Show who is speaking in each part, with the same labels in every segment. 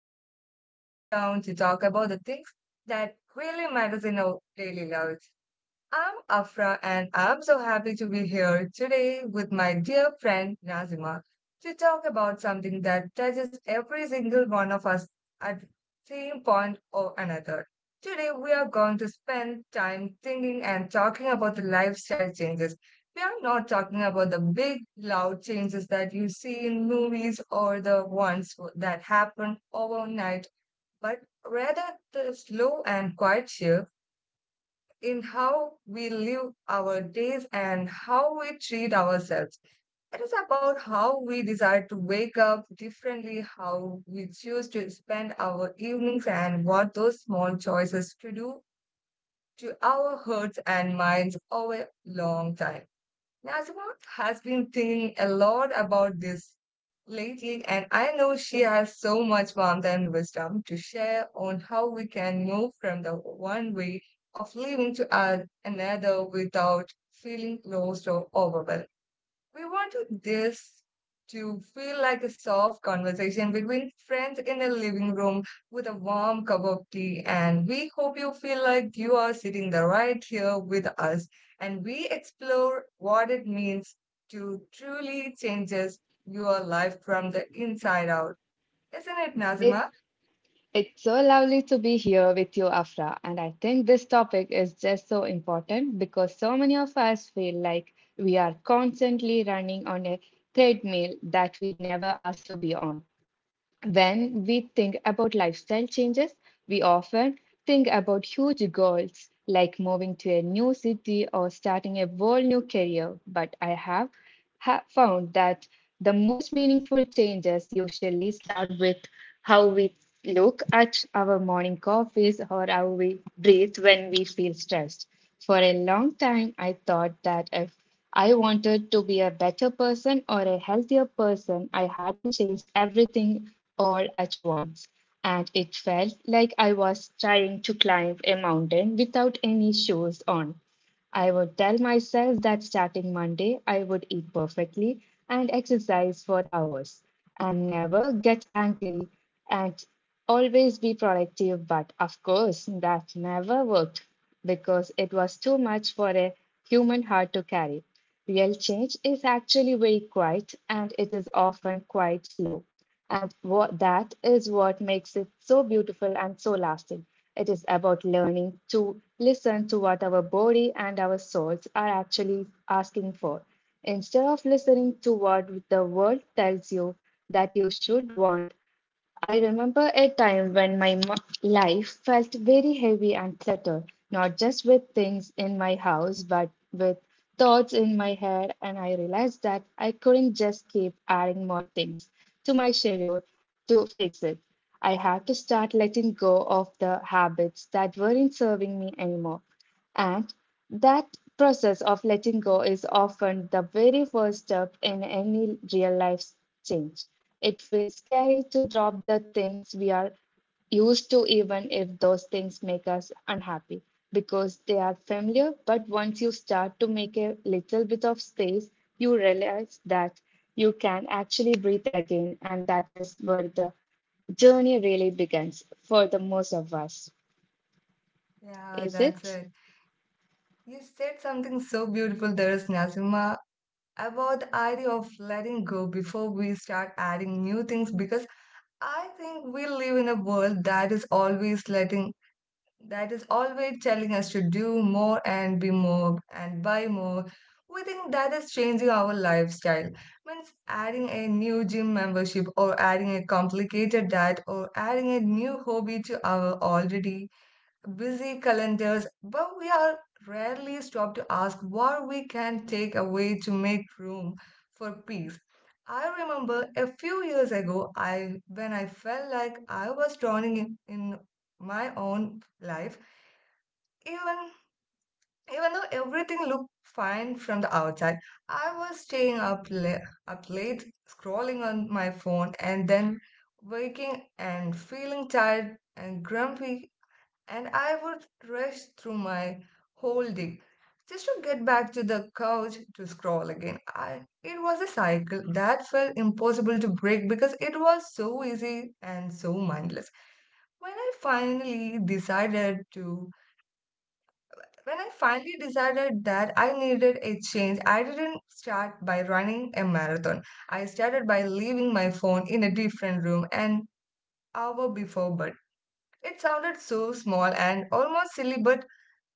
Speaker 1: world where we sit down to talk about the things that really matters in our daily lives. I'm Afra, and I'm so happy to be here today with my dear friend Nazima to talk about something that touches every single one of us at same point or another. Today, we are going to spend time thinking and talking about the lifestyle changes. We are not talking about the big, loud changes that you see in movies or the ones that happen overnight, but rather the slow and quiet shifts in how we live our days and how we treat ourselves. It is about how we decide to wake up differently, how we choose to spend our evenings, and what those small choices to do to our hearts and minds over long time. Nazima has been thinking a lot about this lately, and I know she has so much warmth and wisdom to share on how we can move from the one way of living to add another without feeling closed or overwhelmed. We want this to feel like a soft conversation between friends in a living room with a warm cup of tea. And we hope you feel like you are sitting there right here with us. And we explore what it means to truly changes your life from the inside out. Isn't it,
Speaker 2: It,
Speaker 1: Nazima?
Speaker 2: it's so lovely to be here with you, Afra. And I think this topic is just so important because so many of us feel like we are constantly running on a treadmill that we never asked to be on. When we think about lifestyle changes, we often think about huge goals like moving to a new city or starting a whole new career. But I have found that the most meaningful changes usually start with how we look at our morning coffees or how we breathe when we feel stressed. For a long time, I thought that if I wanted to be a better person or a healthier person, I had to change everything all at once, and it felt like I was trying to climb a mountain without any shoes on. I would tell myself that starting Monday, I would eat perfectly and exercise for hours and never get angry and always be productive. But of course, that never worked because it was too much for a human heart to carry. Real change is actually very quiet, and it is often quite slow. And what that is what makes it so beautiful and so lasting. It is about learning to listen to what our body and our souls are actually asking for, instead of listening to what the world tells you that you should want. I remember a time when my life felt very heavy and cluttered, not just with things in my house, but with thoughts in my head. And I realized that I couldn't just keep adding more things to my schedule to fix it. I had to start letting go of the habits that weren't serving me anymore. And that process of letting go is often the very first step in any real life change. It feels scary to drop the things we are used to, even if those things make us unhappy, because they are familiar. But once you start to make a little bit of space, you realize that you can actually breathe again, and that is where the journey really begins for the most of us.
Speaker 1: Yeah,
Speaker 2: Is
Speaker 1: that's
Speaker 2: it?
Speaker 1: it. You said something so beautiful there, Nazima, about the idea of letting go before we start adding new things because I think we live in a world that is always telling us to do more and be more and buy more. We think that is changing our lifestyle. Means adding a new gym membership or adding a complicated diet or adding a new hobby to our already busy calendars, but we are rarely stopped to ask what we can take away to make room for peace. I remember a few years ago I when I felt like I was drowning in my own life, even even though everything looked fine from the outside. I was staying up late scrolling on my phone and then waking and feeling tired and grumpy, and I would rush through my whole day just to get back to the couch to scroll again. It was a cycle that felt impossible to break because it was so easy and so mindless. When I finally decided to, when I finally decided that I needed a change, I didn't start by running a marathon. I started by leaving my phone in a different room an hour before bed. It sounded so small and almost silly, but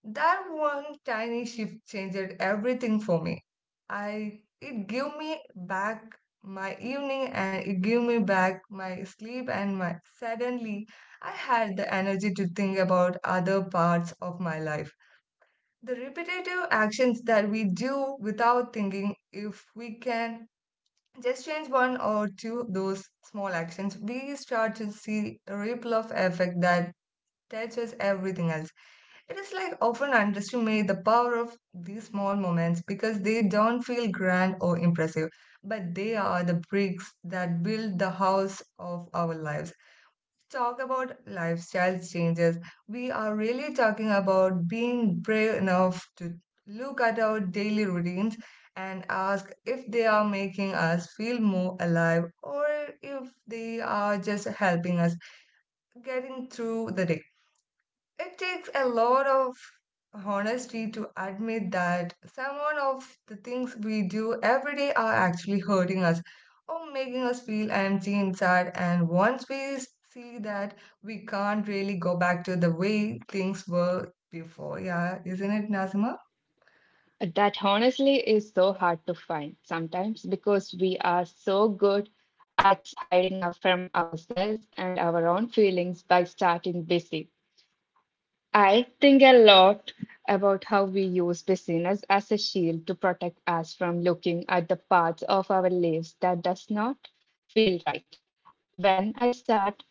Speaker 1: that one tiny shift changed everything for me. I it gave me back my evening, and it gave me back my sleep, and my suddenly I had the energy to think about other parts of my life. The repetitive actions that we do without thinking, if we can just change one or two those small actions, we start to see a ripple of effect that touches everything else. It is like often underestimate the power of these small moments because they don't feel grand or impressive, but they are the bricks that build the house of our lives. Talk about lifestyle changes. We are really talking about being brave enough to look at our daily routines and ask if they are making us feel more alive or if they are just helping us getting through the day. It takes a lot of honesty to admit that someone of the things we do every day are actually hurting us or making us feel empty inside. And once we see that, we can't really go back to the way things were before. Yeah, isn't it, Nazima?
Speaker 2: That honestly is so hard to find sometimes, because we are so good at hiding from ourselves and our own feelings by starting busy. I think a lot about how we use busyness as a shield to protect us from looking at the parts of our lives that does not feel right. When I start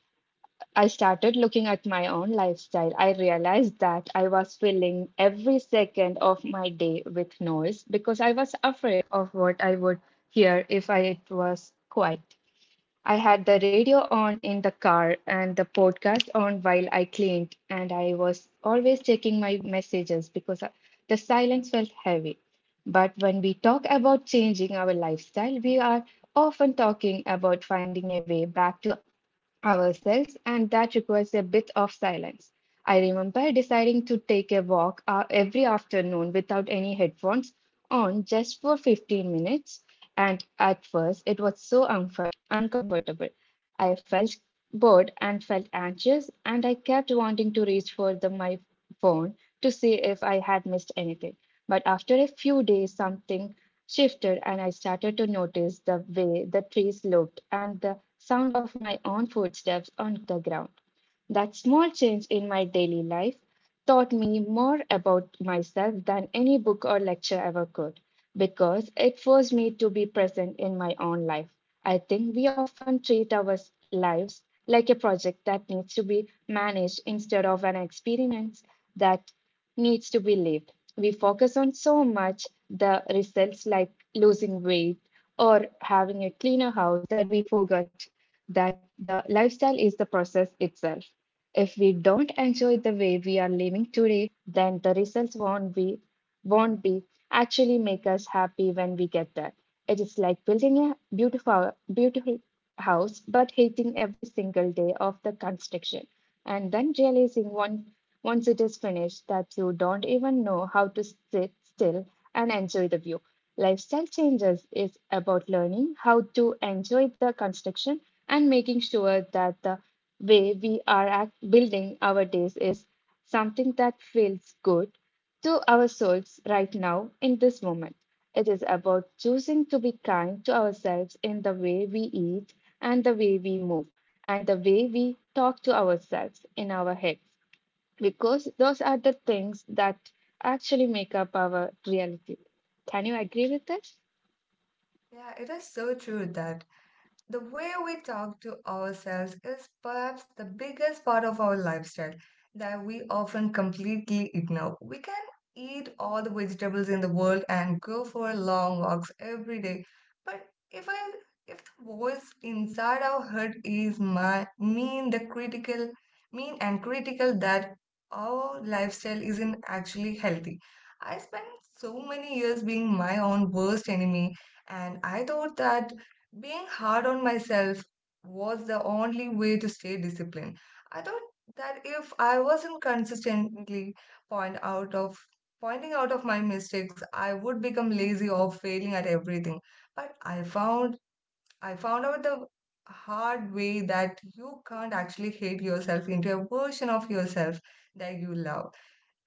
Speaker 2: I started looking at my own lifestyle, I realized that I was filling every second of my day with noise because I was afraid of what I would hear if it was quiet. I had the radio on in the car and the podcast on while I cleaned, and I was always checking my messages because the silence felt heavy. But when we talk about changing our lifestyle, we are often talking about finding a way back to ourselves, and that requires a bit of silence. I remember deciding to take a walk every afternoon without any headphones on just for 15 minutes, and at first it was so uncomfortable. I felt bored and felt anxious, and I kept wanting to reach for my phone to see if I had missed anything. But after a few days, something shifted and I started to notice the way the trees looked and the sound of my own footsteps on the ground. That small change in my daily life taught me more about myself than any book or lecture ever could, because it forced me to be present in my own life. I think we often treat our lives like a project that needs to be managed instead of an experience that needs to be lived. We focus on so much the results, like losing weight or having a cleaner house, that we forget that the lifestyle is the process itself. If we don't enjoy the way we are living today, then the results won't be actually make us happy when we get there. It is like building a beautiful house but hating every single day of the construction, and then realizing one once it is finished that you don't even know how to sit still and enjoy the view. Lifestyle changes is about learning how to enjoy the construction and making sure that the way we are building our days is something that feels good to our souls right now in this moment. It is about choosing to be kind to ourselves in the way we eat and the way we move and the way we talk to ourselves in our heads, because those are the things that actually make up our reality. Can you agree with this?
Speaker 1: Yeah, it is so true that the way we talk to ourselves is perhaps the biggest part of our lifestyle that we often completely ignore. We can eat all the vegetables in the world and go for long walks every day, but if I if the voice inside our head is my, mean the critical mean and critical, that our lifestyle isn't actually healthy. I spent so many years being my own worst enemy, and I thought that being hard on myself was the only way to stay disciplined. I thought that if I wasn't consistently point out of pointing out of my mistakes, I would become lazy or failing at everything. But I found out the hard way that you can't actually hate yourself into a version of yourself that you love.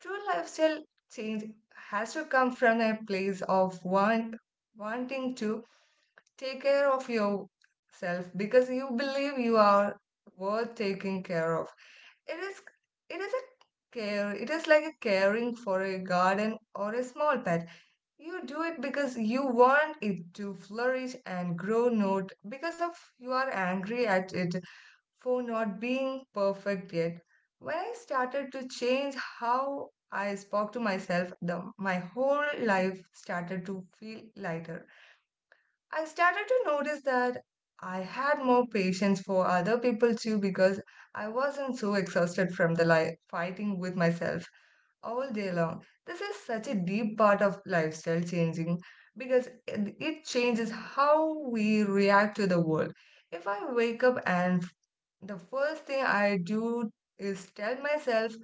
Speaker 1: True lifestyle change has to come from a place of wanting to take care of yourself because you believe you are worth taking care of. It is it is a care. It is like a caring for a garden or a small pet. You do it because you want it to flourish and grow, not because of you are angry at it for not being perfect yet. When I started to change how I spoke to myself, my whole life started to feel lighter. I started to notice that I had more patience for other people too because I wasn't so exhausted from the life fighting with myself all day long. This is such a deep part of lifestyle changing because it changes how we react to the world. If I wake up and the first thing I do is tell myself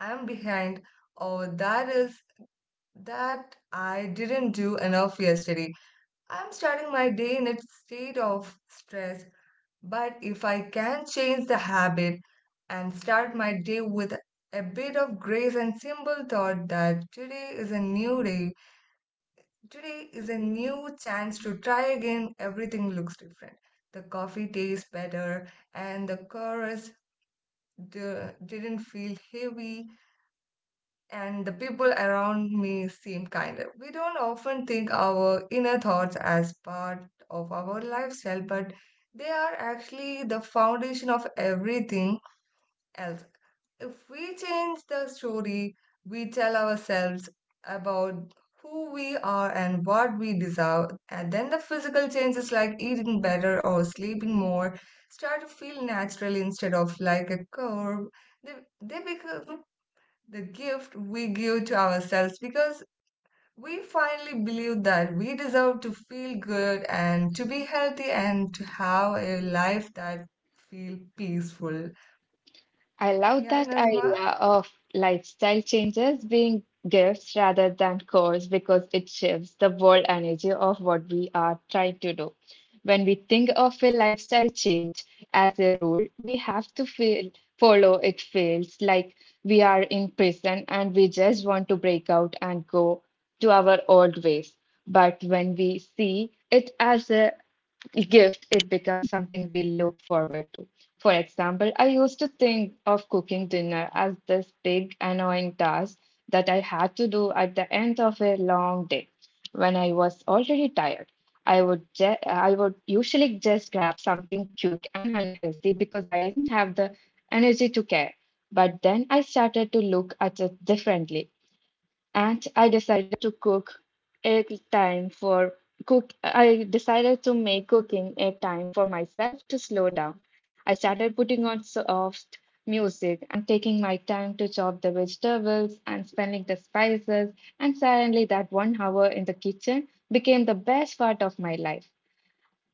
Speaker 1: I'm behind, or that I didn't do enough yesterday, I'm starting my day in a state of stress. But if I can change the habit and start my day with a bit of grace and simple thought that today is a new day, today is a new chance to try again, everything looks different. The coffee tastes better, and the chorus didn't feel heavy, and the people around me seem kinder. We don't often think our inner thoughts as part of our lifestyle, but they are actually the foundation of everything else. If we change the story we tell ourselves about who we are and what we deserve, and then the physical changes like eating better or sleeping more start to feel natural instead of like a curve, they, they become the gift we give to ourselves because we finally believe that we deserve to feel good and to be healthy and to have a life that feel peaceful.
Speaker 2: I love
Speaker 1: Yeah,
Speaker 2: that
Speaker 1: Nazma?
Speaker 2: idea of lifestyle changes being gifts rather than chores, because it shifts the world energy of what we are trying to do. When we think of a lifestyle change as a rule we have to follow, it feels like we are in prison and we just want to break out and go to our old ways. But when we see it as a gift, it becomes something we look forward to. For example, I used to think of cooking dinner as this big, annoying task that I had to do at the end of a long day when I was already tired. I would usually just grab something cute and unhealthy because I didn't have the energy to care. But then I started to look at it differently, and a time for I decided to make cooking a time for myself to slow down. I started putting on soft music and taking my time to chop the vegetables and smelling the spices, and suddenly that one hour in the kitchen became the best part of my life.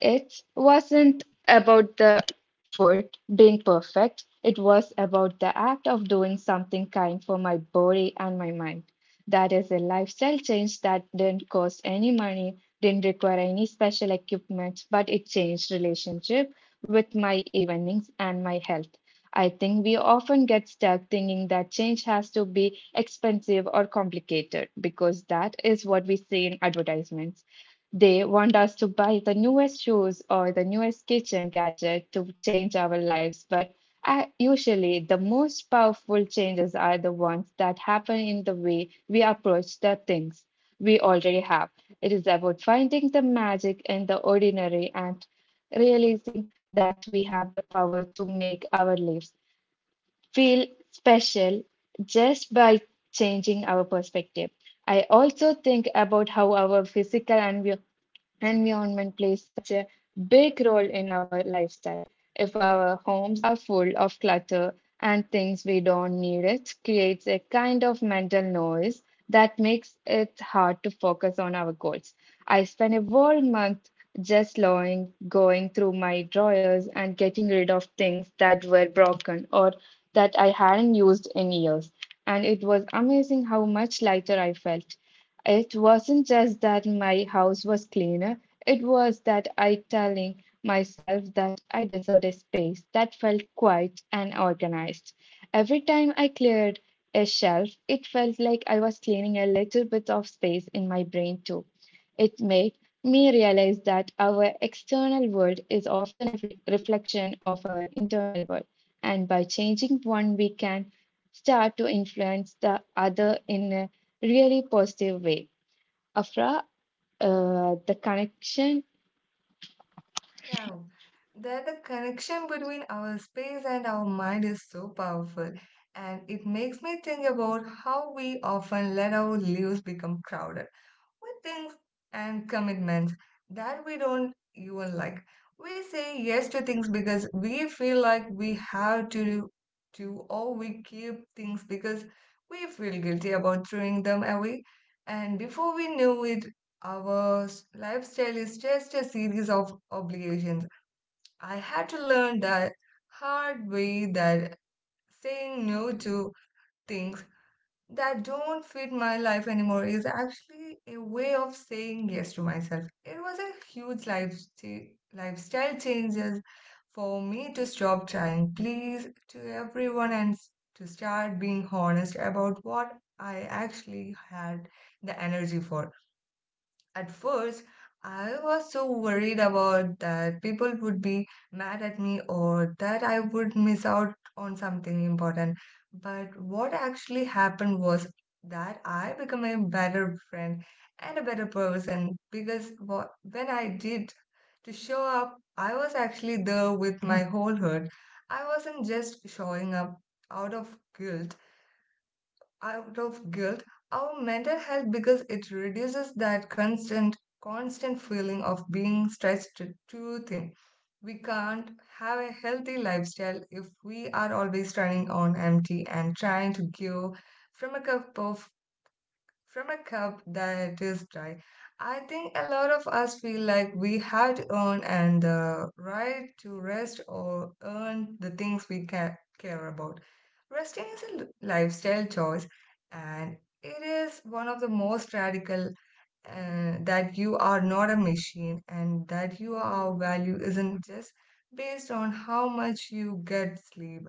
Speaker 2: It wasn't about the food being perfect, it was about the act of doing something kind for my body and my mind. That is a lifestyle change that didn't cost any money, didn't require any special equipment, but it changed relationship with my evenings and my health. I think we often get stuck thinking that change has to be expensive or complicated, because that is what we see in advertisements. They want us to buy the newest shoes or the newest kitchen gadget to change our lives, but usually the most powerful changes are the ones that happen in the way we approach the things we already have. It is about finding the magic in the ordinary and realizing that we have the power to make our lives feel special just by changing our perspective. I also think about how our physical and environment plays such a big role in our lifestyle. If our homes are full of clutter and things we don't need, it creates a kind of mental noise that makes it hard to focus on our goals. I spent a whole month just going through my drawers and getting rid of things that were broken or that I hadn't used in years. And it was amazing how much lighter I felt. It wasn't just that my house was cleaner, it was that I telling myself that I deserved a space that felt quiet and organized. Every time I cleared a shelf, it felt like I was cleaning a little bit of space in my brain too. It made me realize that our external world is often a reflection of our internal world, and by changing one, we can start to influence the other in a really positive way. Afra, the connection.
Speaker 1: Yeah. That the connection between our space and our mind is so powerful. And it makes me think about how we often let our lives become crowded with things and commitments that we don't even like. We say yes to things because we feel like we have to do, or we keep things because we feel guilty about throwing them away. And before we know it, our lifestyle is just a series of obligations. I had to learn that hard way that saying no to things that don't fit my life anymore is actually a way of saying yes to myself. It was a huge lifestyle changes for me to stop trying please to everyone, and to start being honest about what I actually had the energy for. At first, I was so worried about that people would be mad at me or that I would miss out on something important. But what actually happened was that I became a better friend and a better person, because when I did to show up, I was actually there with my whole heart. I wasn't just showing up out of guilt out of guilt. Our mental health, because it reduces that constant feeling of being stretched to too thin. We can't have a healthy lifestyle if we are always running on empty and trying to give from a cup of from a cup that is dry. I think a lot of us feel like we have to earn and the right to rest or earn the things we care about. Resting is a lifestyle choice, and it is one of the most radical, that you are not a machine and that your value isn't just based on how much you get sleep.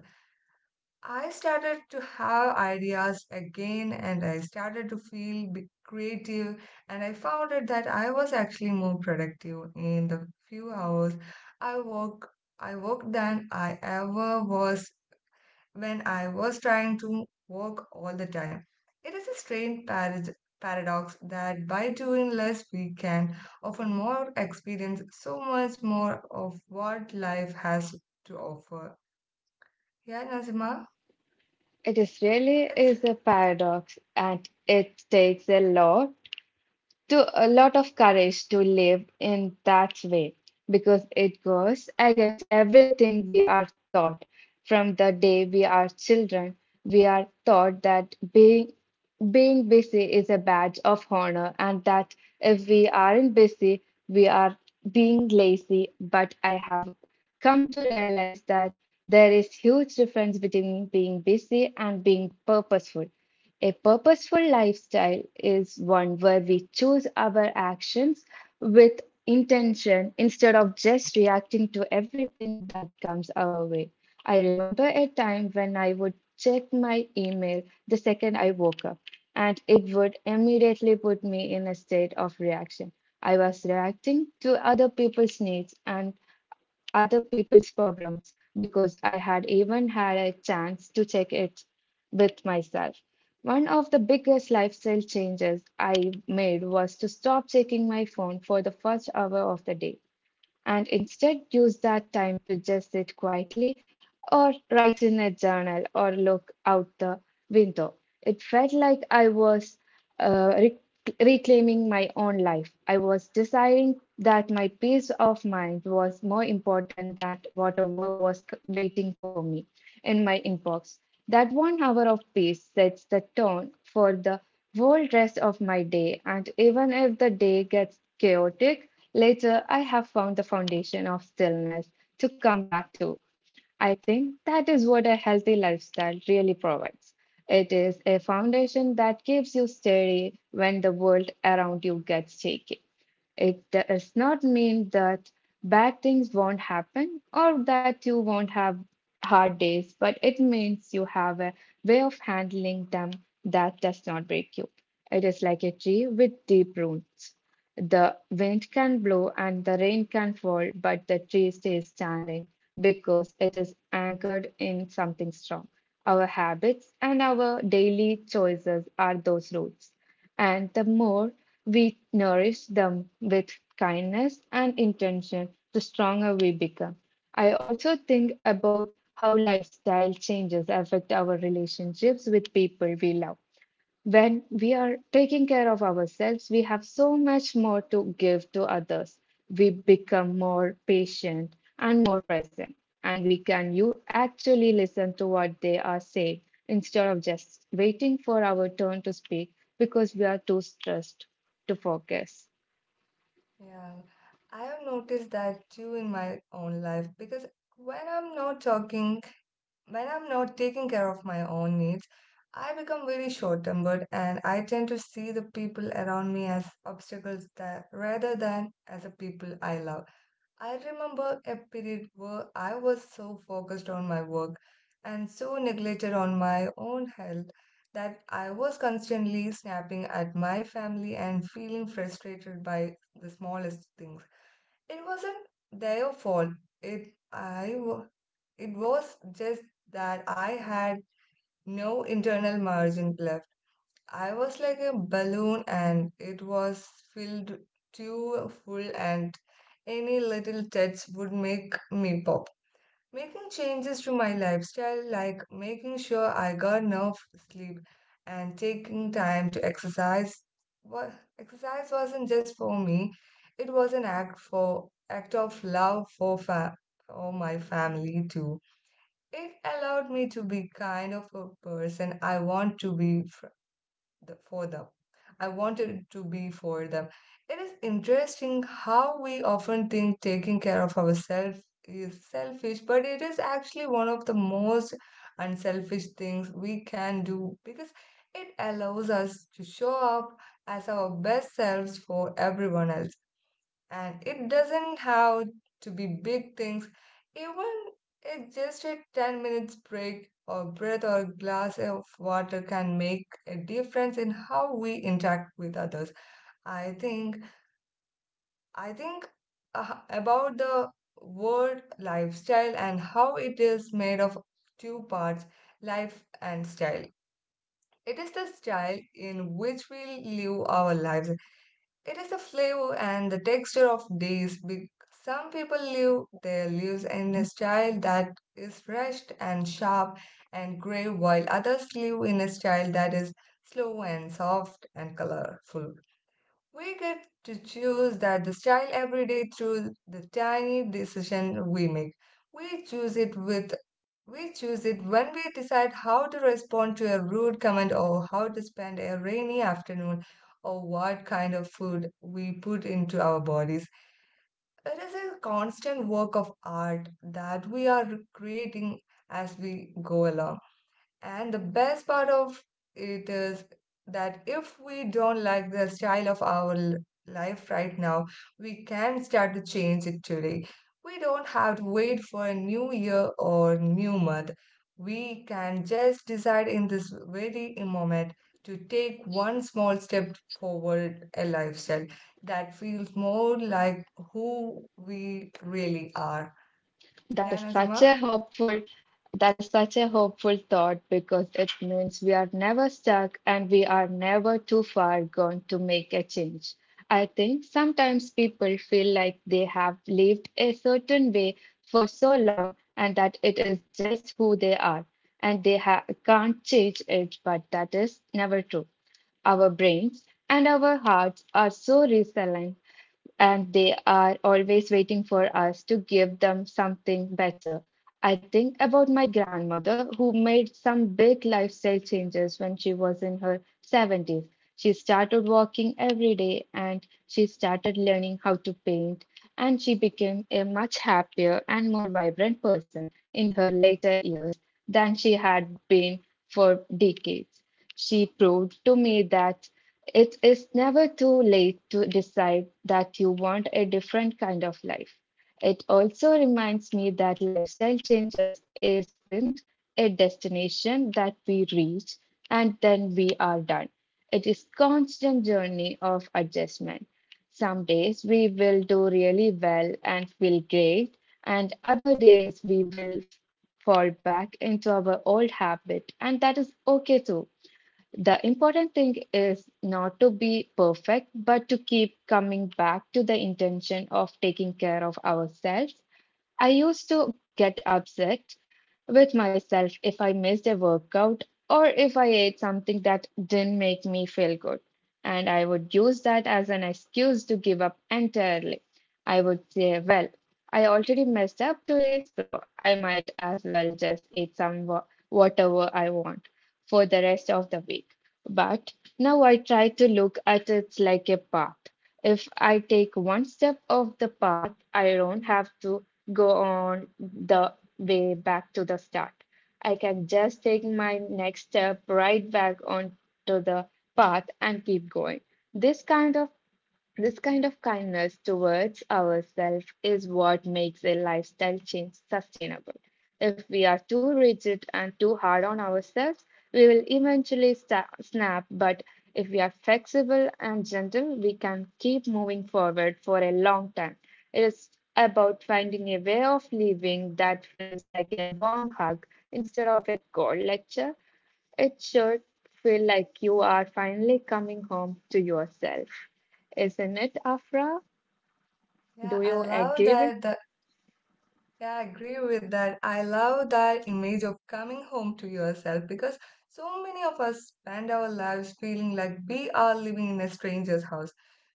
Speaker 1: I started to have ideas again, and I started to feel bit creative, and I found out that I was actually more productive in the few hours I work I worked than I ever was when I was trying to work all the time. It is a strange paradox that by doing less we can often more experience so much more of what life has to offer. Yeah, Nazima?
Speaker 2: It is really
Speaker 1: It is
Speaker 2: is a paradox, and it takes a lot of courage to live in that way, because it goes against everything we are taught. From the day we are children, we are taught that being busy is a badge of honor, and that if we aren't busy, we are being lazy. But I have come to realize that there is huge difference between being busy and being purposeful. A purposeful lifestyle is one where we choose our actions with intention instead of just reacting to everything that comes our way. I remember a time when I would check my email the second I woke up, and it would immediately put me in a state of reaction. I was reacting to other people's needs and other people's problems because I had even had a chance to check it with myself. One of the biggest lifestyle changes I made was to stop checking my phone for the first hour of the day, and instead use that time to just sit quietly or write in a journal or look out the window. It felt like I was uh, re- reclaiming my own life. I was deciding that my peace of mind was more important than whatever was waiting for me in my inbox. That 1 hour of peace sets the tone for the whole rest of my day, and even if the day gets chaotic, later, I have found the foundation of stillness to come back to. I think that is what a healthy lifestyle really provides. It is a foundation that keeps you steady when the world around you gets shaky. It does not mean that bad things won't happen or that you won't have hard days, but it means you have a way of handling them that does not break you. It is like a tree with deep roots. The wind can blow and the rain can fall, but the tree stays standing because it is anchored in something strong. Our habits and our daily choices are those roots. And the more we nourish them with kindness and intention, the stronger we become. I also think about how lifestyle changes affect our relationships with people we love. When we are taking care of ourselves, we have so much more to give to others. We become more patient and more present, and we can you actually listen to what they are saying instead of just waiting for our turn to speak because we are too stressed to focus.
Speaker 1: Yeah, I have noticed that too in my own life because when I'm not talking, when I'm not taking care of my own needs, I become very short-tempered, and I tend to see the people around me as obstacles that rather than as the people I love. I remember a period where I was so focused on my work and so neglected on my own health that I was constantly snapping at my family and feeling frustrated by the smallest things. It wasn't their fault. It I wa- it was just that I had no internal margin left. I was like a balloon and it was filled too full, and any little touch would make me pop. Making changes to my lifestyle, like making sure I got enough sleep and taking time to exercise, wa- exercise wasn't just for me, it was an act of love for my family too. It allowed me to be kind of a person I want to be for them. I wanted to be for them. It is interesting how we often think taking care of ourselves is selfish, but it is actually one of the most unselfish things we can do, because it allows us to show up as our best selves for everyone else. And it doesn't have to be big things. Even it's just a 10 minutes break or breath or glass of water can make a difference in how we interact with others. I think i think uh, about the word lifestyle and how it is made of two parts: life and style. It is the style in which we live our lives. It is the flavor and the texture of days. Some people live their lives in a style that is fresh and sharp and grey, while others live in a style that is slow and soft and colorful. We get to choose that the style every day through the tiny decision we make. We choose it with we choose it when we decide how to respond to a rude comment, or how to spend a rainy afternoon, or what kind of food we put into our bodies. It is a constant work of art that we are creating as we go along. And the best part of it is that if we don't like the style of our life right now, we can start to change it today. We don't have to wait for a new year or new month. We can just decide in this very moment to take one small step forward a lifestyle that feels more like who we really are.
Speaker 2: That
Speaker 1: Yeah,
Speaker 2: is such
Speaker 1: Nazima?
Speaker 2: a hopeful that is such a hopeful thought because it means we are never stuck and we are never too far gone to make a change. I think sometimes people feel like they have lived a certain way for so long and that it is just who they are and they can't change it, but that is never true. Our brains and our hearts are so resilient and they are always waiting for us to give them something better. I think about my grandmother who made some big lifestyle changes when she was in her 70s. She started walking every day and she started learning how to paint, and she became a much happier and more vibrant person in her later years than she had been for decades. She proved to me that it is never too late to decide that you want a different kind of life. It also reminds me that lifestyle changes isn't a destination that we reach and then we are done. It is constant journey of adjustment. Some days we will do really well and feel great, and other days we will fall back into our old habit, and that is okay too. The important thing is not to be perfect, but to keep coming back to the intention of taking care of ourselves. I used to get upset with myself if I missed a workout or if I ate something that didn't make me feel good. And I would use that as an excuse to give up entirely. I would say, well, I already messed up today, so I might as well just eat whatever I want for the rest of the week. But now I try to look at it like a path. If I take one step of the path, I don't have to go on the way back to the start. I can just take my next step right back onto the path and keep going. This kind of this kind of kindness towards ourselves is what makes a lifestyle change sustainable. If we are too rigid and too hard on ourselves, we will eventually sta snap. But if we are flexible and gentle, we can keep moving forward for a long time. It is about finding a way of living that feels like a warm hug instead of a cold lecture. It should feel like you are finally coming home to yourself. Isn't it, Afra? Do
Speaker 1: Yeah, I
Speaker 2: you
Speaker 1: love
Speaker 2: agree with?
Speaker 1: that the yeah, I agree with that. I love that image of coming home to yourself, because so many of us spend our lives feeling like we are living in a stranger's house.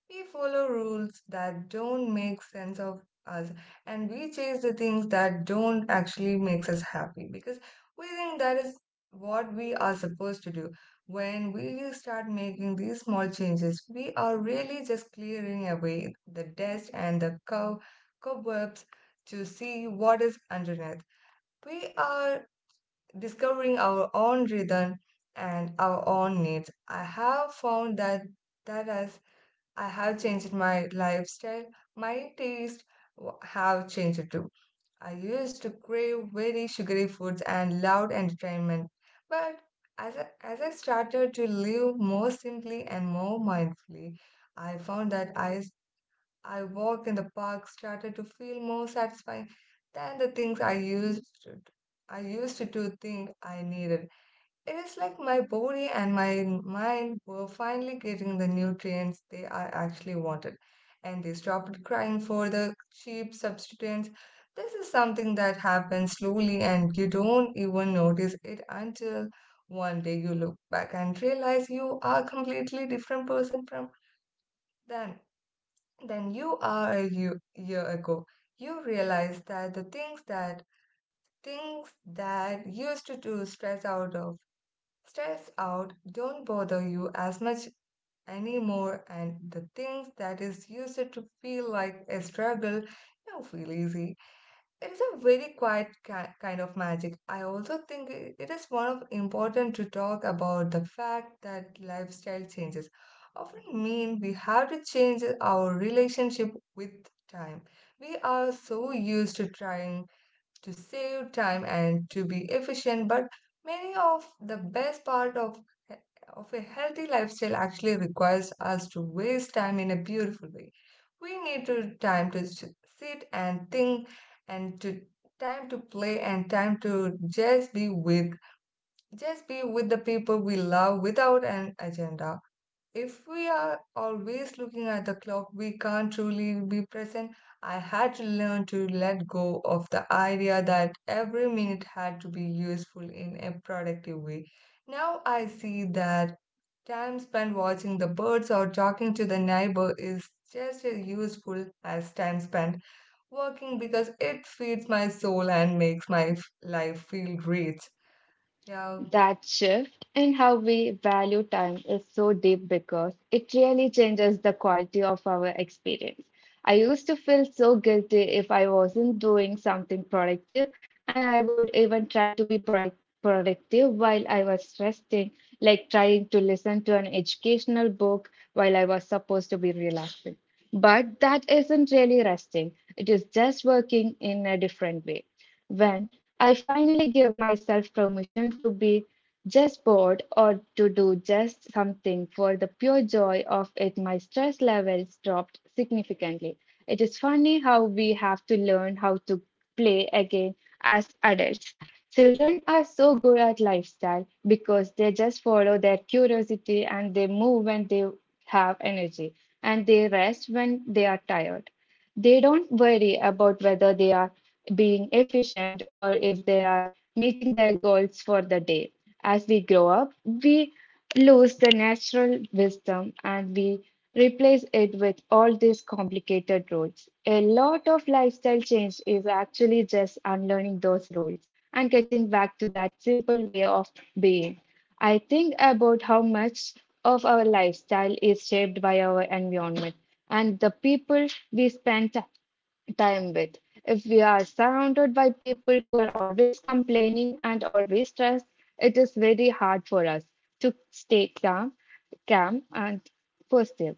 Speaker 1: We follow rules that don't make sense of us, and we chase the things that don't actually makes us happy because we think that is what we are supposed to do. When we start making these small changes, we are really just clearing away the dust and the cobwebs to see what is underneath. We are discovering our own rhythm and our own needs. I have found that that has I have changed my lifestyle. My taste have changed too. I used to crave very sugary foods and loud entertainment, but as I started to live more simply and more mindfully, I found that I walk in the park started to feel more satisfying than the things I used to think I needed. It is like my body and my mind were finally getting the nutrients they are actually wanted, and they stopped crying for the cheap substituents. This is something that happens slowly, and you don't even notice it until one day you look back and realize you are a completely different person from than than you are a year ago. You realize that the things that used to do stress out of stress out don't bother you as much anymore, and the things that is used to feel like a struggle now feel easy. It is a very quiet kind of magic. I also think it is one of important to talk about the fact that lifestyle changes often mean we have to change our relationship with time. We are so used to trying to save time and to be efficient, but many of the best part of a healthy lifestyle actually requires us to waste time in a beautiful way. We need to time to sit and think, and to time to play, and time to just be with just be with the people we love without an agenda. If we are always looking at the clock, we can't truly be present. I had to learn to let go of the idea that every minute had to be useful in a productive way. Now I see that time spent watching the birds or talking to the neighbor is just as useful as time spent working, because it feeds my soul and makes my life feel great. Yeah,
Speaker 2: That shift in how we value time is so deep because it really changes the quality of our experience. I used to feel so guilty if I wasn't doing something productive, and I would even try to be productive while I was resting, like trying to listen to an educational book while I was supposed to be relaxing. But that isn't really resting, it is just working in a different way. When I finally gave myself permission to be just bored or to do just something for the pure joy of it, my stress levels dropped significantly. It is funny how we have to learn how to play again as adults. Children are so good at lifestyle because they just follow their curiosity and they move when they have energy and they rest when they are tired. They don't worry about whether they are being efficient or if they are meeting their goals for the day. As we grow up, we lose the natural wisdom and we replace it with all these complicated rules. A lot of lifestyle change is actually just unlearning those rules and getting back to that simple way of being. I think about how much of our lifestyle is shaped by our environment and the people we spend time with. If we are surrounded by people who are always complaining and always stressed, it is very hard for us to stay calm, and positive.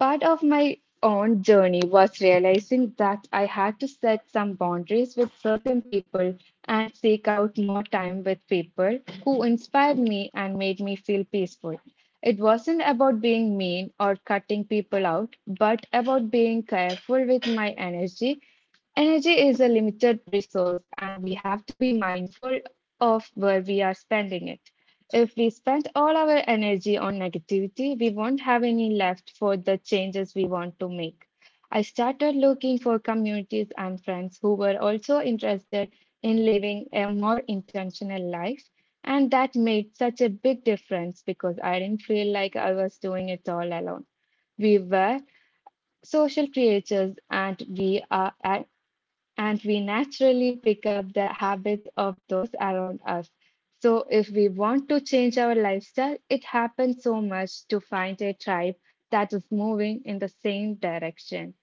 Speaker 2: Part of my own journey was realizing that I had to set some boundaries with certain people and seek out more time with people who inspired me and made me feel peaceful. It wasn't about being mean or cutting people out, but about being careful with my energy. Energy is a limited resource, and we have to be mindful of where we are spending it. If we spend all our energy on negativity, we won't have any left for the changes we want to make. I started looking for communities and friends who were also interested in living a more intentional life, and that made such a big difference because I didn't feel like I was doing it all alone. We were social creatures and we naturally pick up the habits of those around us. So, if we want to change our lifestyle, it happens so much to find a tribe that is moving in the same direction,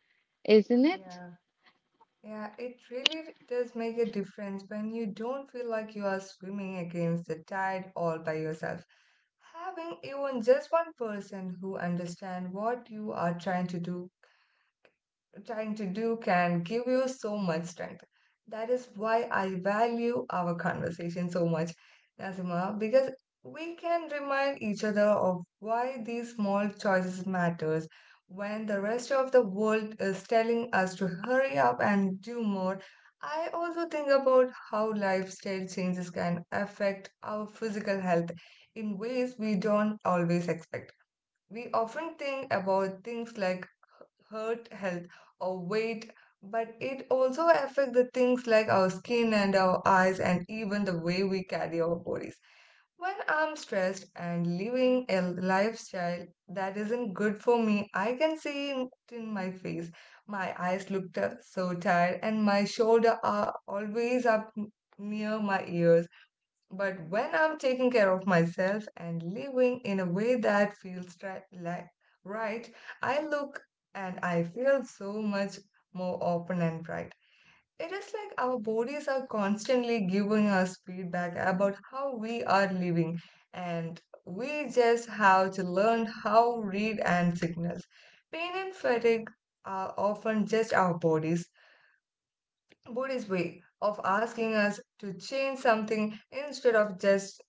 Speaker 2: isn't it?
Speaker 1: yeah. Yeah, it really does make a difference when you don't feel like you are swimming against the tide all by yourself. Having even just one person who understands what you are trying to do can give you so much strength. That is why I value our conversation so much, Nazima, because we can remind each other of why these small choices matters when the rest of the world is telling us to hurry up and do more. I also think about how lifestyle changes can affect our physical health in ways we don't always expect. We often think about things like hurt health or weight, but it also affects the things like our skin and our eyes, and even the way we carry our bodies. When I'm stressed and living a lifestyle that isn't good for me, I can see it in my face. My eyes look so tired and my shoulders are always up near my ears. But when I'm taking care of myself and living in a way that feels right, like, right, I look and I feel so much more open and bright. It is like our bodies are constantly giving us feedback about how we are living, and we just have to learn how read and signals. Pain and fatigue are often just our body's way of asking us to change something. Instead of just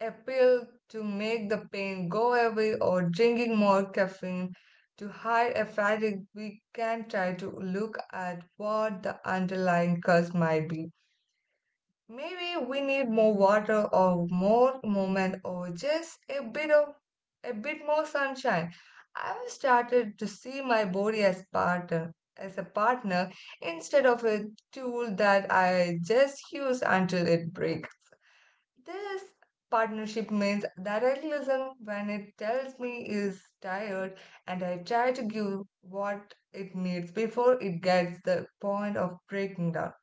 Speaker 1: appeal to make the pain go away or drinking more caffeine to hide a fatigue, we can try to look at what the underlying cause might be. Maybe we need more water or more movement, or just a bit more sunshine. I've started to see my body as a partner instead of a tool that I just use until it breaks. This partnership means that I listen when it tells me is tired, and I try to give what it needs before it gets the point of breaking down.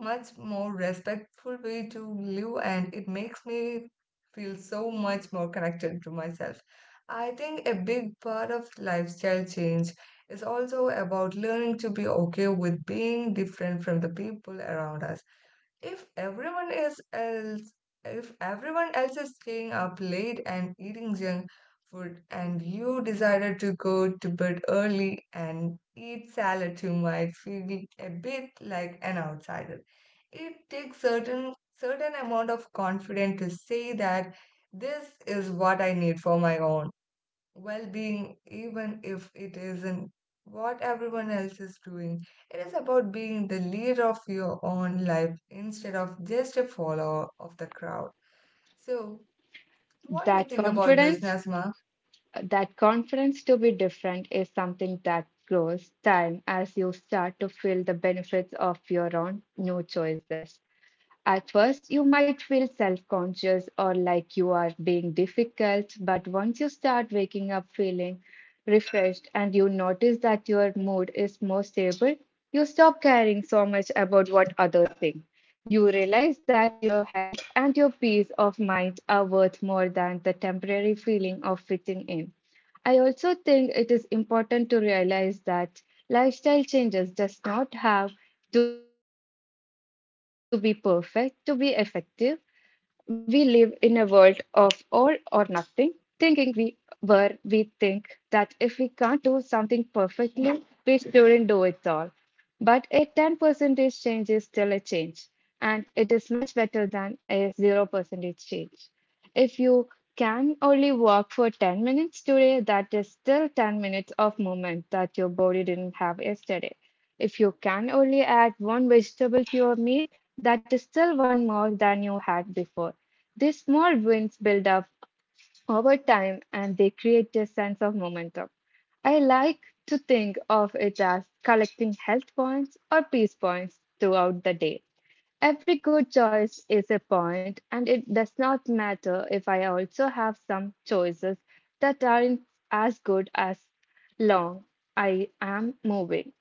Speaker 1: Much more respectful way to live, and it makes me feel so much more connected to myself. I think a big part of lifestyle change is also about learning to be okay with being different from the people around us. If everyone is else, if everyone else is staying up late and eating junk food, and you decided to go to bed early and eat salad, you might feel a bit like an outsider. It takes certain amount of confidence to say that this is what I need for my own well being, even if it isn't what everyone else is doing. It is about being the leader of your own life instead of just a follower of the crowd. So, what do you
Speaker 2: That
Speaker 1: think about this,
Speaker 2: confidence,
Speaker 1: Nasma?
Speaker 2: that confidence to be different is something that grows time as you start to feel the benefits of your own new choices. At first, you might feel self conscious or like you are being difficult, but once you start waking up feeling refreshed and you notice that your mood is more stable, you stop caring so much about what others think. You realize that your health and your peace of mind are worth more than the temporary feeling of fitting in. I also think it is important to realize that lifestyle changes does not have to be perfect to be effective. We live in a world of all or nothing, thinking we think that if we can't do something perfectly, we shouldn't do it all. But a 10% change is still a change, and it is much better than a 0% change. If you can only walk for 10 minutes today, that is still 10 minutes of movement that your body didn't have yesterday. If you can only add one vegetable to your meal, that is still one more than you had before. These small wins build up over time and they create a sense of momentum. I like to think of it as collecting health points or peace points throughout the day. Every good choice is a point, and it does not matter if I also have some choices that aren't as good as long I am moving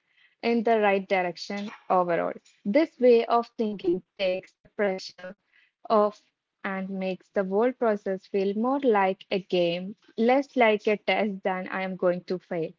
Speaker 2: in the right direction overall. This way of thinking takes the pressure off and makes the whole process feel more like a game, less like a test than I am going to fail.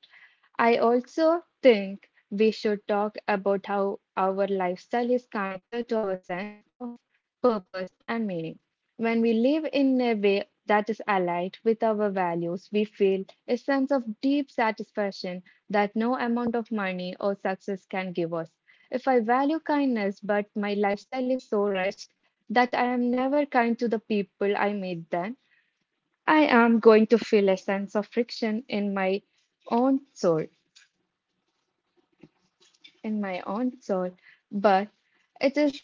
Speaker 2: I also think we should talk about how our lifestyle is connected to our sense of purpose and meaning. When we live in a way that is aligned with our values, we feel a sense of deep satisfaction that no amount of money or success can give us. If I value kindness, but my lifestyle is so rushed that I am never kind to the people I meet, then I am going to feel a sense of friction own soul. in my own soul, but it is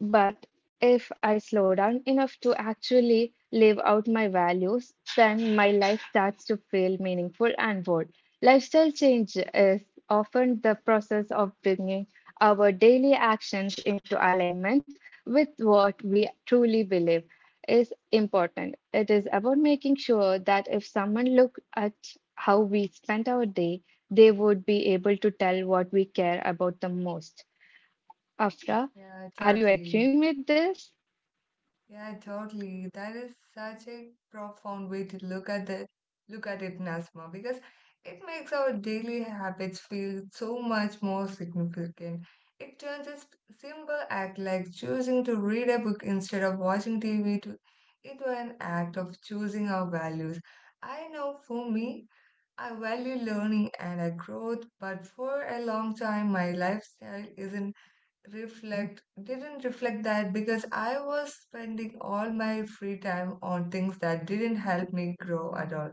Speaker 2: but if I slow down enough to actually live out my values, then my life starts to feel meaningful and bold. Lifestyle change is often the process of bringing our daily actions into alignment with what we truly believe is important. It is about making sure that if someone looked at how we spent our day, they would be able to tell what we care about the most. Afra,
Speaker 1: Yeah,
Speaker 2: are you
Speaker 1: totally.
Speaker 2: agreeing with this?
Speaker 1: Yeah, totally. That is such a profound way to look at it, Nasma, because it makes our daily habits feel so much more significant. It turns a simple act, like choosing to read a book instead of watching TV into an act of choosing our values. I know for me, I value learning and I growth, but for a long time, my lifestyle isn't reflect didn't reflect that because I was spending all my free time on things that didn't help me grow at all.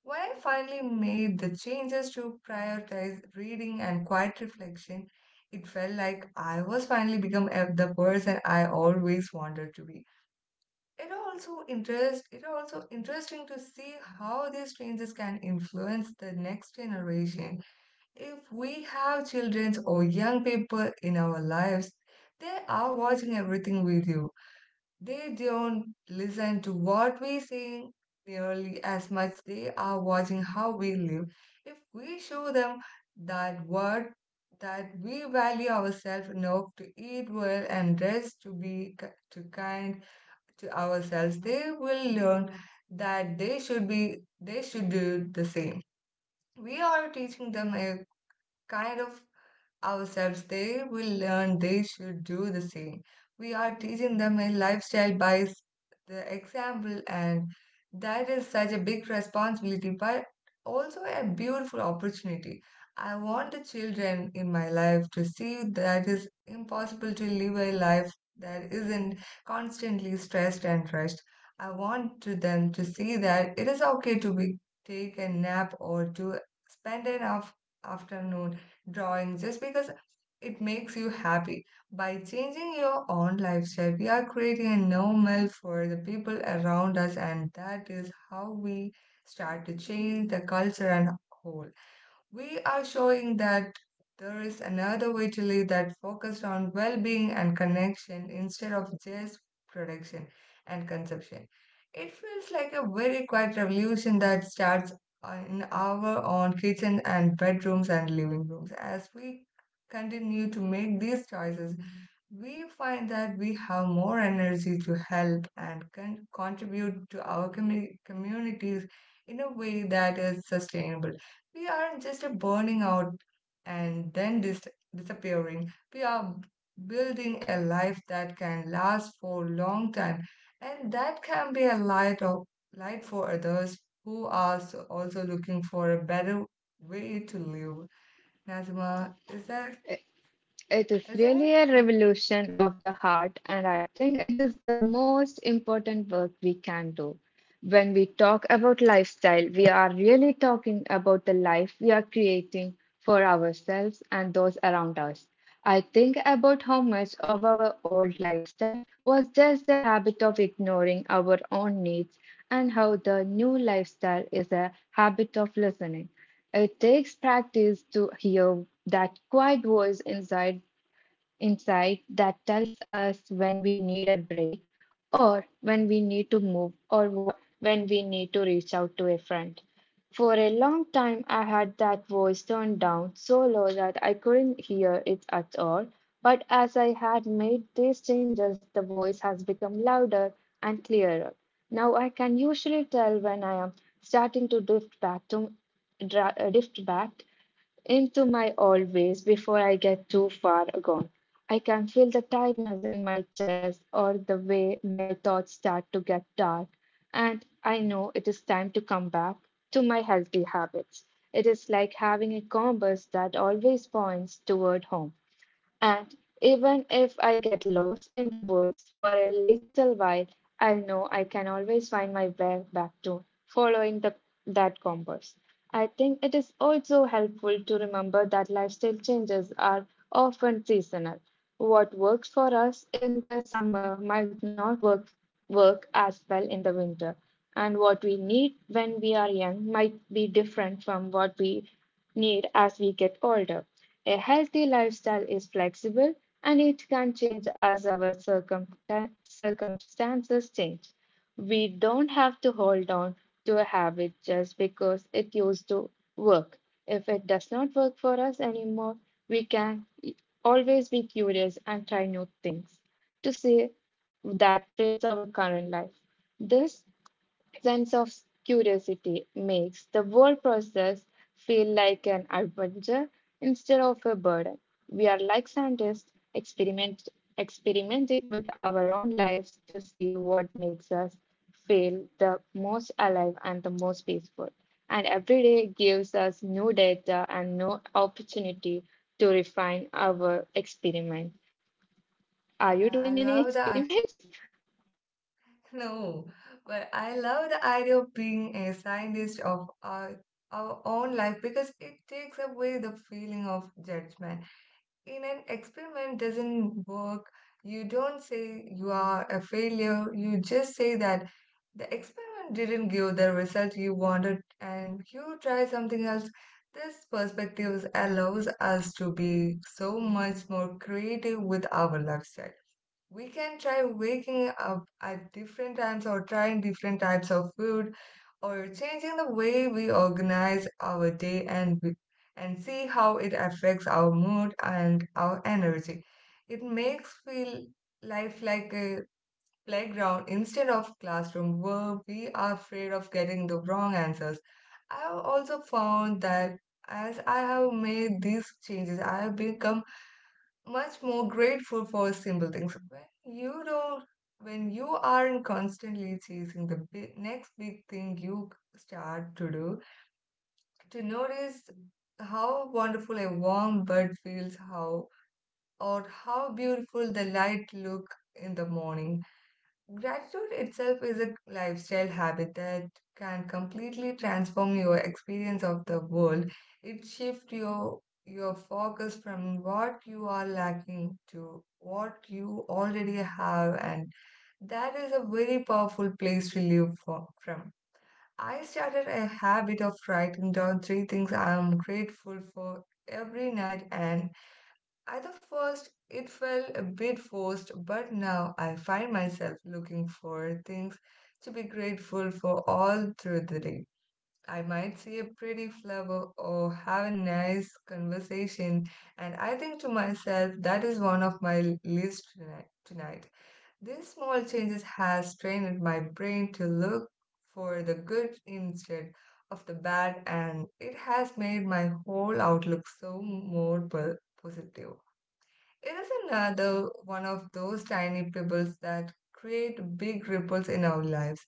Speaker 1: When I finally made the changes to prioritize reading and quiet reflection, it felt like I was finally the person I always wanted to be. It also interest it also interesting to see how these changes can influence the next generation. If we have children or young people in our lives, they are watching everything we do. They don't listen to what we sing nearly as much they are watching how we live. If we show them that what that we value ourselves enough to eat well and rest, to be ki- to kind to ourselves, they will learn that they should do the same. We are teaching them a kind of ourselves, they will learn they should do the same. We are teaching them a lifestyle by the example, and that is such a big responsibility, but also a beautiful opportunity. I want the children in my life to see that it's impossible to live a life that isn't constantly stressed and rushed. I want to them to see that it is okay to be take a nap or to spend an afternoon drawing just because it makes you happy. By changing your own lifestyle, we are creating a normal for the people around us, and that is how we start to change the culture and whole. We are showing that there is another way to live that focused on well being and connection instead of just production and consumption. It feels like a very quiet revolution that starts in our own kitchen and bedrooms and living rooms. As we continue to make these choices, we find that we have more energy to help and contribute to our communities in a way that is sustainable. We aren't just burning out and then disappearing. We are building a life that can last for a long time and that can be a light for others who are also looking for a better way to live. Nazima, is that
Speaker 2: It is
Speaker 1: isn't
Speaker 2: really
Speaker 1: it?
Speaker 2: a
Speaker 1: Uh,
Speaker 2: revolution of the heart, and I think it is the most important work we can do. When we talk about lifestyle, we are really talking about the life we are creating for ourselves and those around us. I think about how much of our old lifestyle was just a habit of ignoring our own needs, and how the new lifestyle is a habit of listening. It takes practice to hear that quiet voice inside insight that tells us when we need a break, or when we need to move, or when we need to reach out to a friend. For a long time, I had that voice turned down so low that I couldn't hear it at all. But as I had made these changes, the voice has become louder and clearer. Now I can usually tell when I am starting to drift back into my old ways before I get too far gone. I can feel the tightness in my chest or the way my thoughts start to get dark, and I know it is time to come back to my healthy habits. It is like having a compass that always points toward home. And even if I get lost in the woods for a little while, I know I can always find my way back to that compass. I think it is also helpful to remember that lifestyle changes are often seasonal. What works for us in the summer might not work, work as well in the winter, and what we need when we are young might be different from what we need as we get older. A healthy lifestyle is flexible and it can change as our circumstances change. We don't have to hold on to a habit just because it used to work. If it does not work for us anymore, we can always be curious and try new things to see that fits our current life. This sense of curiosity makes the whole process feel like an adventure instead of a burden. We are like experimenting with our own lives to see what makes us feel the most alive and the most peaceful. And every day gives us new data and new opportunity to refine our experiment. Are you
Speaker 1: Yeah, I
Speaker 2: doing any
Speaker 1: love the I
Speaker 2: experiments?
Speaker 1: know, but I love the idea of being a scientist of our own life because it takes away the feeling of judgment in an experiment doesn't work, you don't say you are a failure. You just say that the experiment didn't give the result you wanted and you try something else. This perspective allows us to be so much more creative with our lifestyle. We can try waking up at different times or trying different types of food or changing the way we organize our day and see how it affects our mood and our energy. It makes feel life like a playground instead of classroom where we are afraid of getting the wrong answers. I have also found that as I have made these changes, I have become much more grateful for simple things. When you don't, when you aren't constantly chasing the big, next big thing you start to do, to notice how wonderful a warm bed feels, how or how beautiful the light look in the morning. Gratitude itself is a lifestyle habit that can completely transform your experience of the world. It shifts your focus from what you are lacking to what you already have, and that is a very powerful place to live from. I started a habit of writing down three things I am grateful for every night and at the first, it felt a bit forced, but now I find myself looking for things to be grateful for all through the day. I might see a pretty flower or have a nice conversation, and I think to myself that is one of my list tonight. These small changes has trained my brain to look for the good instead of the bad, and it has made my whole outlook so more positive. It is another one of those tiny pebbles that create big ripples in our lives.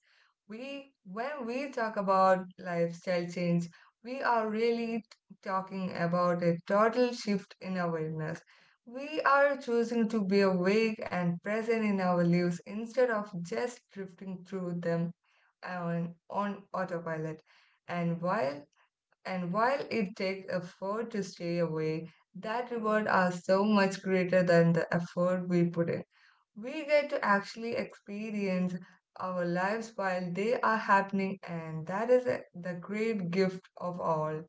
Speaker 1: When we talk about lifestyle change, we are really talking about a total shift in awareness. We are choosing to be awake and present in our lives instead of just drifting through them on, autopilot. And while and while it takes effort to stay away, that reward are so much greater than the effort we put in. We get to actually experience our lives while they are happening, and that is the great gift of all.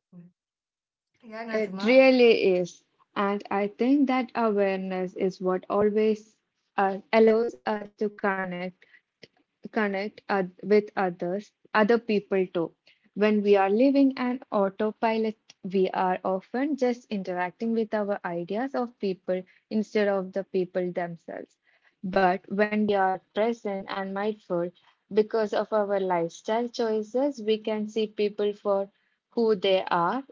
Speaker 1: Yeah,
Speaker 2: It
Speaker 1: Nazma.
Speaker 2: really is. And I think that awareness is what always allows us to connect with other people too. When we are living an autopilot, we are often just interacting with our ideas of people instead of the people themselves. But when we are present and mindful, because of our lifestyle choices, we can see people for who they are.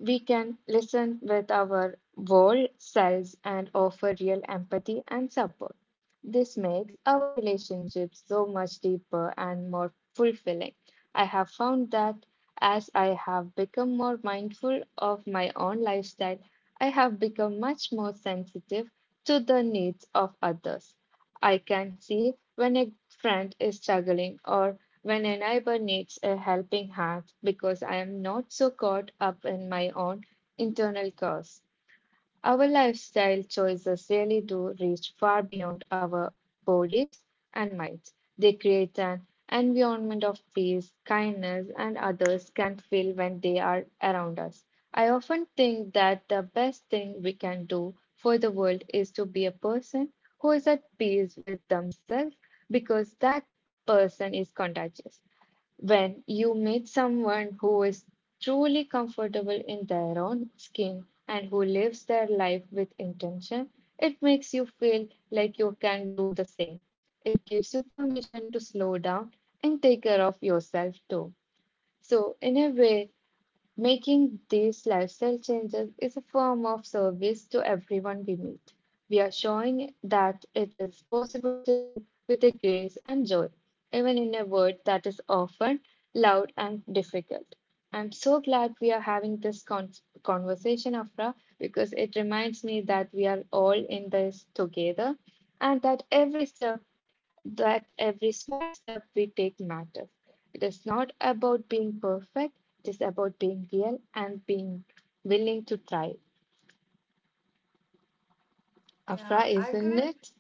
Speaker 2: We can listen with our whole selves and offer real empathy and support. This makes our relationships so much deeper and more fulfilling. I have found that as I have become more mindful of my own lifestyle, I have become much more sensitive to the needs of others. I can see when a friend is struggling or when a neighbor needs a helping hand because I am not so caught up in my own internal chaos. Our lifestyle choices really do reach far beyond our bodies and minds. They create an environment of peace, kindness, and others can feel when they are around us. I often think that the best thing we can do for the world is to be a person who is at peace with themselves because that person is contagious. When you meet someone who is truly comfortable in their own skin and who lives their life with intention, it makes you feel like you can do the same. It gives you permission to slow down and take care of yourself too. So, in a way, making these lifestyle changes is a form of service to everyone we meet. We are showing that it is possible to live with a grace and joy, even in a world that is often loud and difficult. I'm so glad we are having this conversation, Afra, because it reminds me that we are all in this together and that that every small step we take matters. It is not about being perfect, it is about being real and being willing to try. Afra,
Speaker 1: Yeah, I
Speaker 2: isn't
Speaker 1: couldn't.
Speaker 2: it?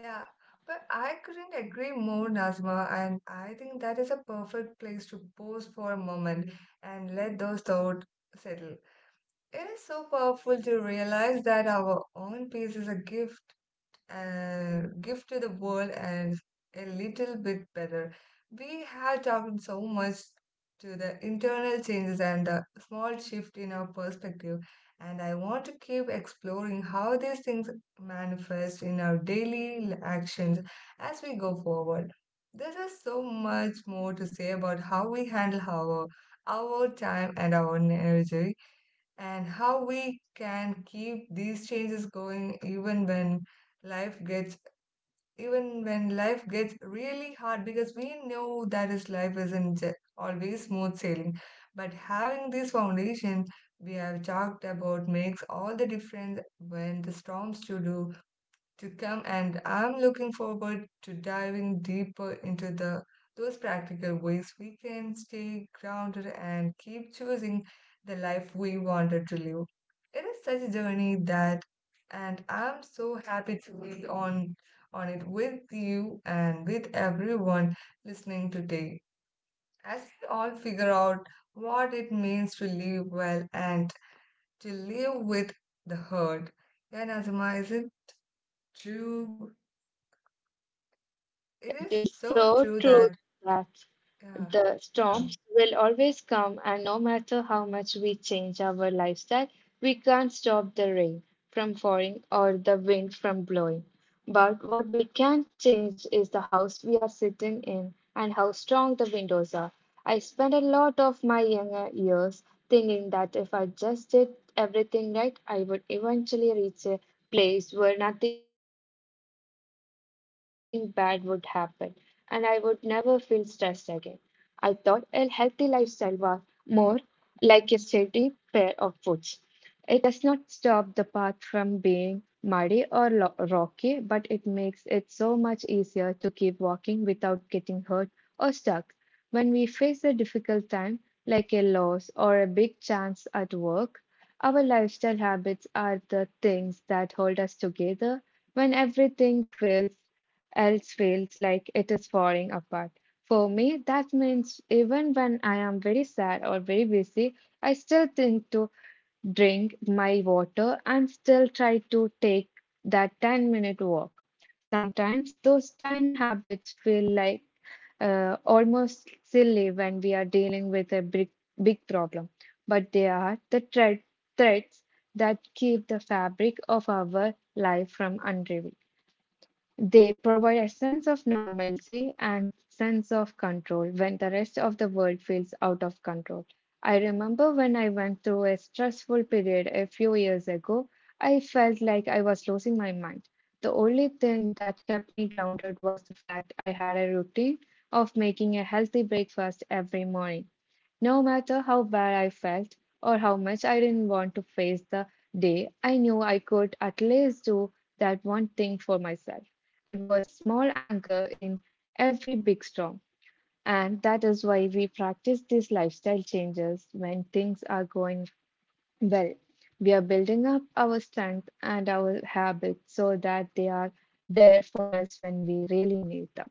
Speaker 1: Yeah, but I couldn't agree more, Nazma. And I think that is a perfect place to pause for a moment and let those thoughts settle. It is so powerful to realize that our own peace is a gift to the world, and a little bit better. We have talked so much to the internal changes and the small shift in our perspective, and I want to keep exploring how these things manifest in our daily actions as we go forward. There is so much more to say about how we handle our time and our energy and how we can keep these changes going life gets even when life gets really hard because we know that is life isn't always smooth sailing, but having this foundation we have talked about makes all the difference when the storms to come. And I'm looking forward to diving deeper into the those practical ways we can stay grounded and keep choosing the life we wanted to live. It is such a journey, that and I'm so happy to be on it with you and with everyone listening today, as we all figure out what it means to live well and to live with the hurt. Yeah, Azuma, is it true? It is
Speaker 2: It is
Speaker 1: so
Speaker 2: so
Speaker 1: true
Speaker 2: true
Speaker 1: that,
Speaker 2: that
Speaker 1: yeah,
Speaker 2: the
Speaker 1: yeah,
Speaker 2: storms will always come, and no matter how much we change our lifestyle, we can't stop the rain from falling or the wind from blowing. But what we can change is the house we are sitting in and how strong the windows are. I spent a lot of my younger years thinking that if I just did everything right, I would eventually reach a place where nothing bad would happen and I would never feel stressed again. I thought a healthy lifestyle was more like a steady pair of boots. It does not stop the path from being muddy or lo- rocky, but it makes it so much easier to keep walking without getting hurt or stuck. When we face a difficult time, like a loss or a big chance at work, our lifestyle habits are the things that hold us together when else feels like it is falling apart. For me, that means even when I am very sad or very busy, I still think to drink my water, and still try to take that 10-minute walk. Sometimes those tiny habits feel like almost silly when we are dealing with a big problem, but they are the threads that keep the fabric of our life from unraveling. They provide a sense of normalcy and sense of control when the rest of the world feels out of control. I remember when I went through a stressful period a few years ago, I felt like I was losing my mind. The only thing that kept me grounded was the fact I had a routine of making a healthy breakfast every morning. No matter how bad I felt or how much I didn't want to face the day, I knew I could at least do that one thing for myself. It was small anchor in every big storm, and that is why we practice these lifestyle changes when things are going well. We are building up our strength and our habits so that they are there for us when we really need them.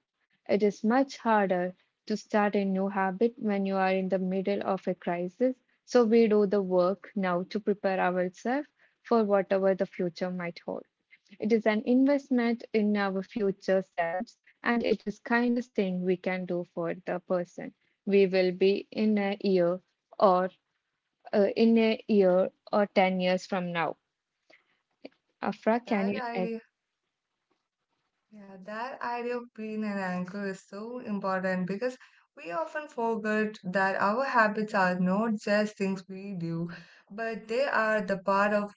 Speaker 2: It is much harder to start a new habit when you are in the middle of a crisis, so we do the work now to prepare ourselves for whatever the future might hold. It is an investment in our future selves, and it is kindest thing we can do for the person we will be in a year or in a year or 10 years from now. Afra, can
Speaker 1: that
Speaker 2: you? Ag-
Speaker 1: idea. Yeah, that idea of being an anchor is so important because we often forget that our habits are not just things we do, but they are the part of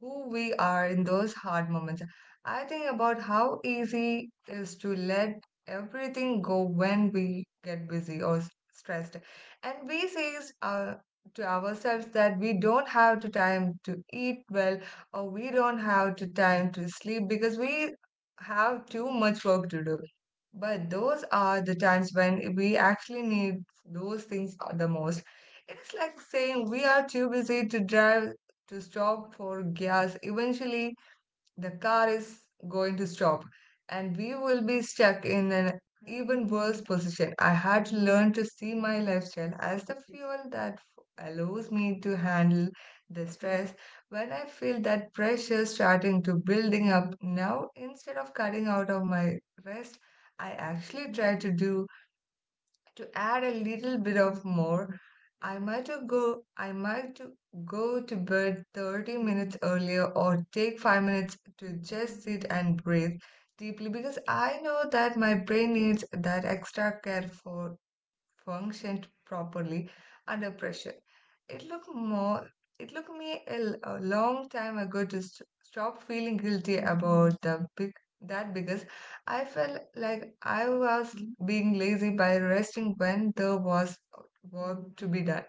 Speaker 1: who we are in those hard moments. I think about how easy it is to let everything go when we get busy or stressed. And we to ourselves that we don't have the time to eat well or we don't have the time to sleep because we have too much work to do. But those are the times when we actually need those things the most. It's like saying we are too busy to stop for gas. Eventually, the car is going to stop and we will be stuck in an even worse position. I had to learn to see my lifestyle as the fuel that allows me to handle the stress. When I feel that pressure starting to building up now instead of cutting out of my rest, I actually try to do to add a little bit of more. I might go to bed 30 minutes earlier or take 5 minutes to just sit and breathe deeply, because I know that my brain needs that extra care for functioned properly under pressure. It looked more. It took me a long time ago to stop feeling guilty about the big that, because I felt like I was being lazy by resting when there was work to be done.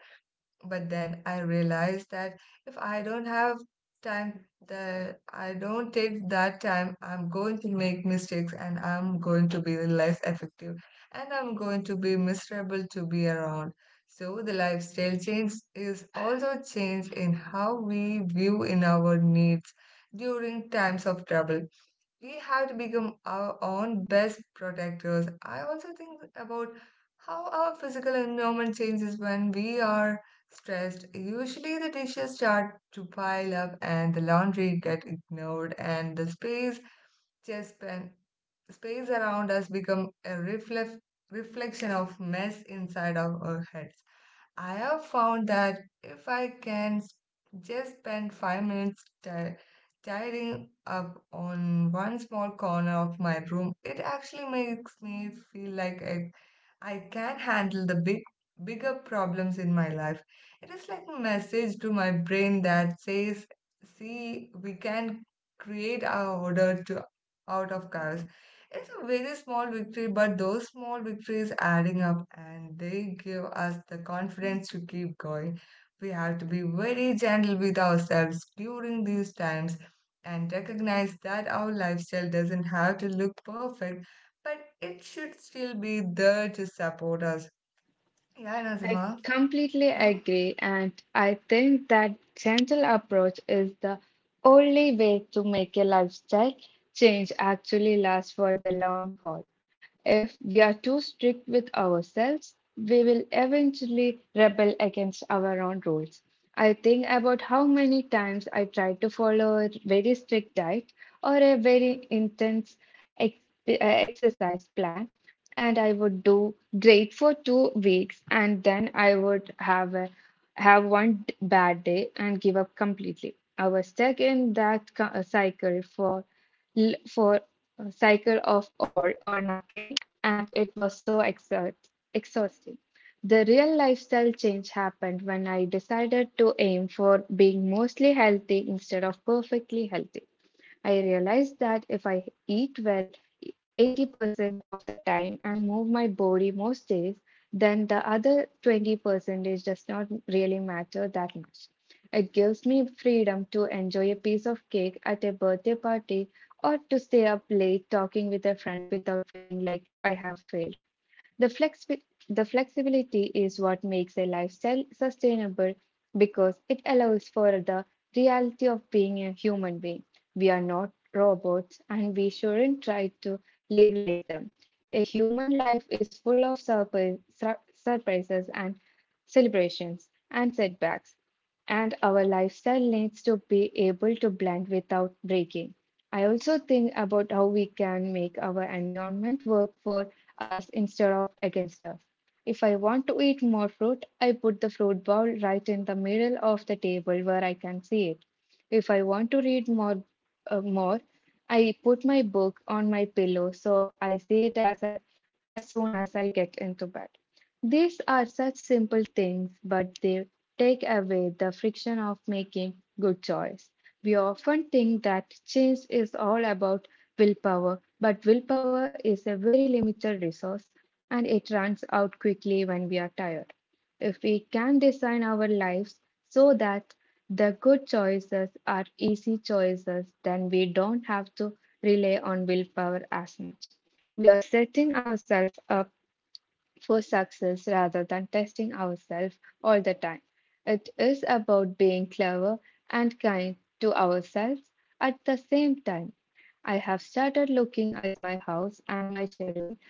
Speaker 1: But then I realized that if I don't have time, that I don't take that time, I'm going to make mistakes and I'm going to be less effective and I'm going to be miserable to be around. So the lifestyle change is also change in how we view in our needs during times of trouble. We have to become our own best protectors. I also think about how our physical environment changes when we are stressed. Usually, the dishes start to pile up and the laundry get ignored, and the space just pen, space around us become a reflection of mess inside of our heads. I have found that if I can just spend 5 minutes tidying up on one small corner of my room, it actually makes me feel like I can handle the bigger problems in my life. It is like a message to my brain that says, "See, we can create our order to out of chaos." It's a very small victory, but those small victories adding up and they give us the confidence to keep going. We have to be very gentle with ourselves during these times and recognize that our lifestyle doesn't have to look perfect, but it should still be there to support us. Yeah,
Speaker 2: I
Speaker 1: Nazima?
Speaker 2: completely
Speaker 1: Huh?
Speaker 2: agree, and I think that gentle approach is the only way to make a lifestyle change actually last for the long haul. If we are too strict with ourselves, we will eventually rebel against our own rules. I think about how many times I tried to follow a very strict diet or a very intense ex- exercise plan, and I would do great for 2 weeks, and then I would have one d- bad day and give up completely. I was stuck in that co- cycle for l- for a cycle of all or nothing and it was so exhausting. The real lifestyle change happened when I decided to aim for being mostly healthy instead of perfectly healthy. I realized that if I eat well 80% of the time and move my body most days, then the other 20% is does not really matter that much. It gives me freedom to enjoy a piece of cake at a birthday party or to stay up late talking with a friend without feeling like I have failed. The flexi- the flexibility is what makes a lifestyle sustainable because it allows for the reality of being a human being. We are not robots and we shouldn't try to live like them. A human life is full of surprises and celebrations, and setbacks. And our lifestyle needs to be able to blend without breaking. I also think about how we can make our environment work for us instead of against us. If I want to eat more fruit, I put the fruit bowl right in the middle of the table where I can see it. If I want to more, I put my book on my pillow so I see it as soon as I get into bed. These are such simple things, but they take away the friction of making good choice. We often think that change is all about willpower, but willpower is a very limited resource and it runs out quickly when we are tired. If we can design our lives so that the good choices are easy choices, then we don't have to rely on willpower as much. We are setting ourselves up for success rather than testing ourselves all the time. It is about being clever and kind to ourselves at the same time. I have started looking at my house and my schedule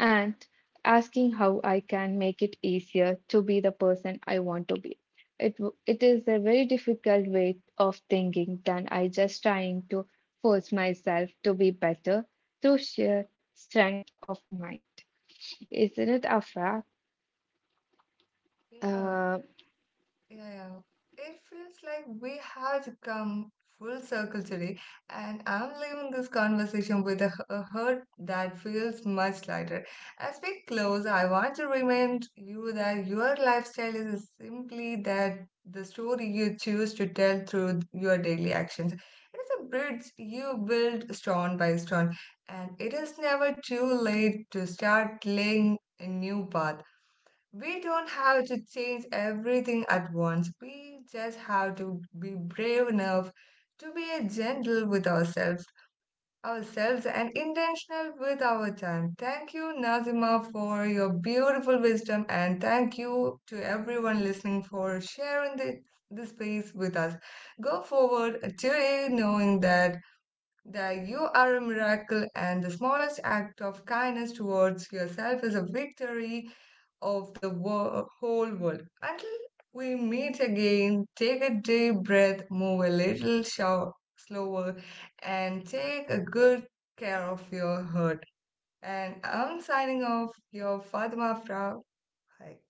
Speaker 2: and asking how I can make it easier to be the person I want to be. It, it is a very difficult way of thinking than I just trying to force myself to be better through sheer strength of mind. Isn't it, Afra?
Speaker 1: Yeah.
Speaker 2: 呃，
Speaker 1: Yeah, yeah. It feels like we have come full circle today, and I'm leaving this conversation with a heart that feels much lighter. As we close, I want to remind you that your lifestyle is simply that, the story you choose to tell through your daily actions. It's a bridge you build stone by stone, and it is never too late to start laying a new path. We don't have to change everything at once. We just have to be brave enough to be a gentle with ourselves and intentional with our time. Thank you, Nazima, for your beautiful wisdom, and thank you to everyone listening for sharing this space with us. Go forward today knowing that you are a miracle and the smallest act of kindness towards yourself is a victory of the whole world. Until we meet again, take a deep breath, move a little slower, and take a good care of your heart. And I'm signing off, your Fatima Fra. Hi.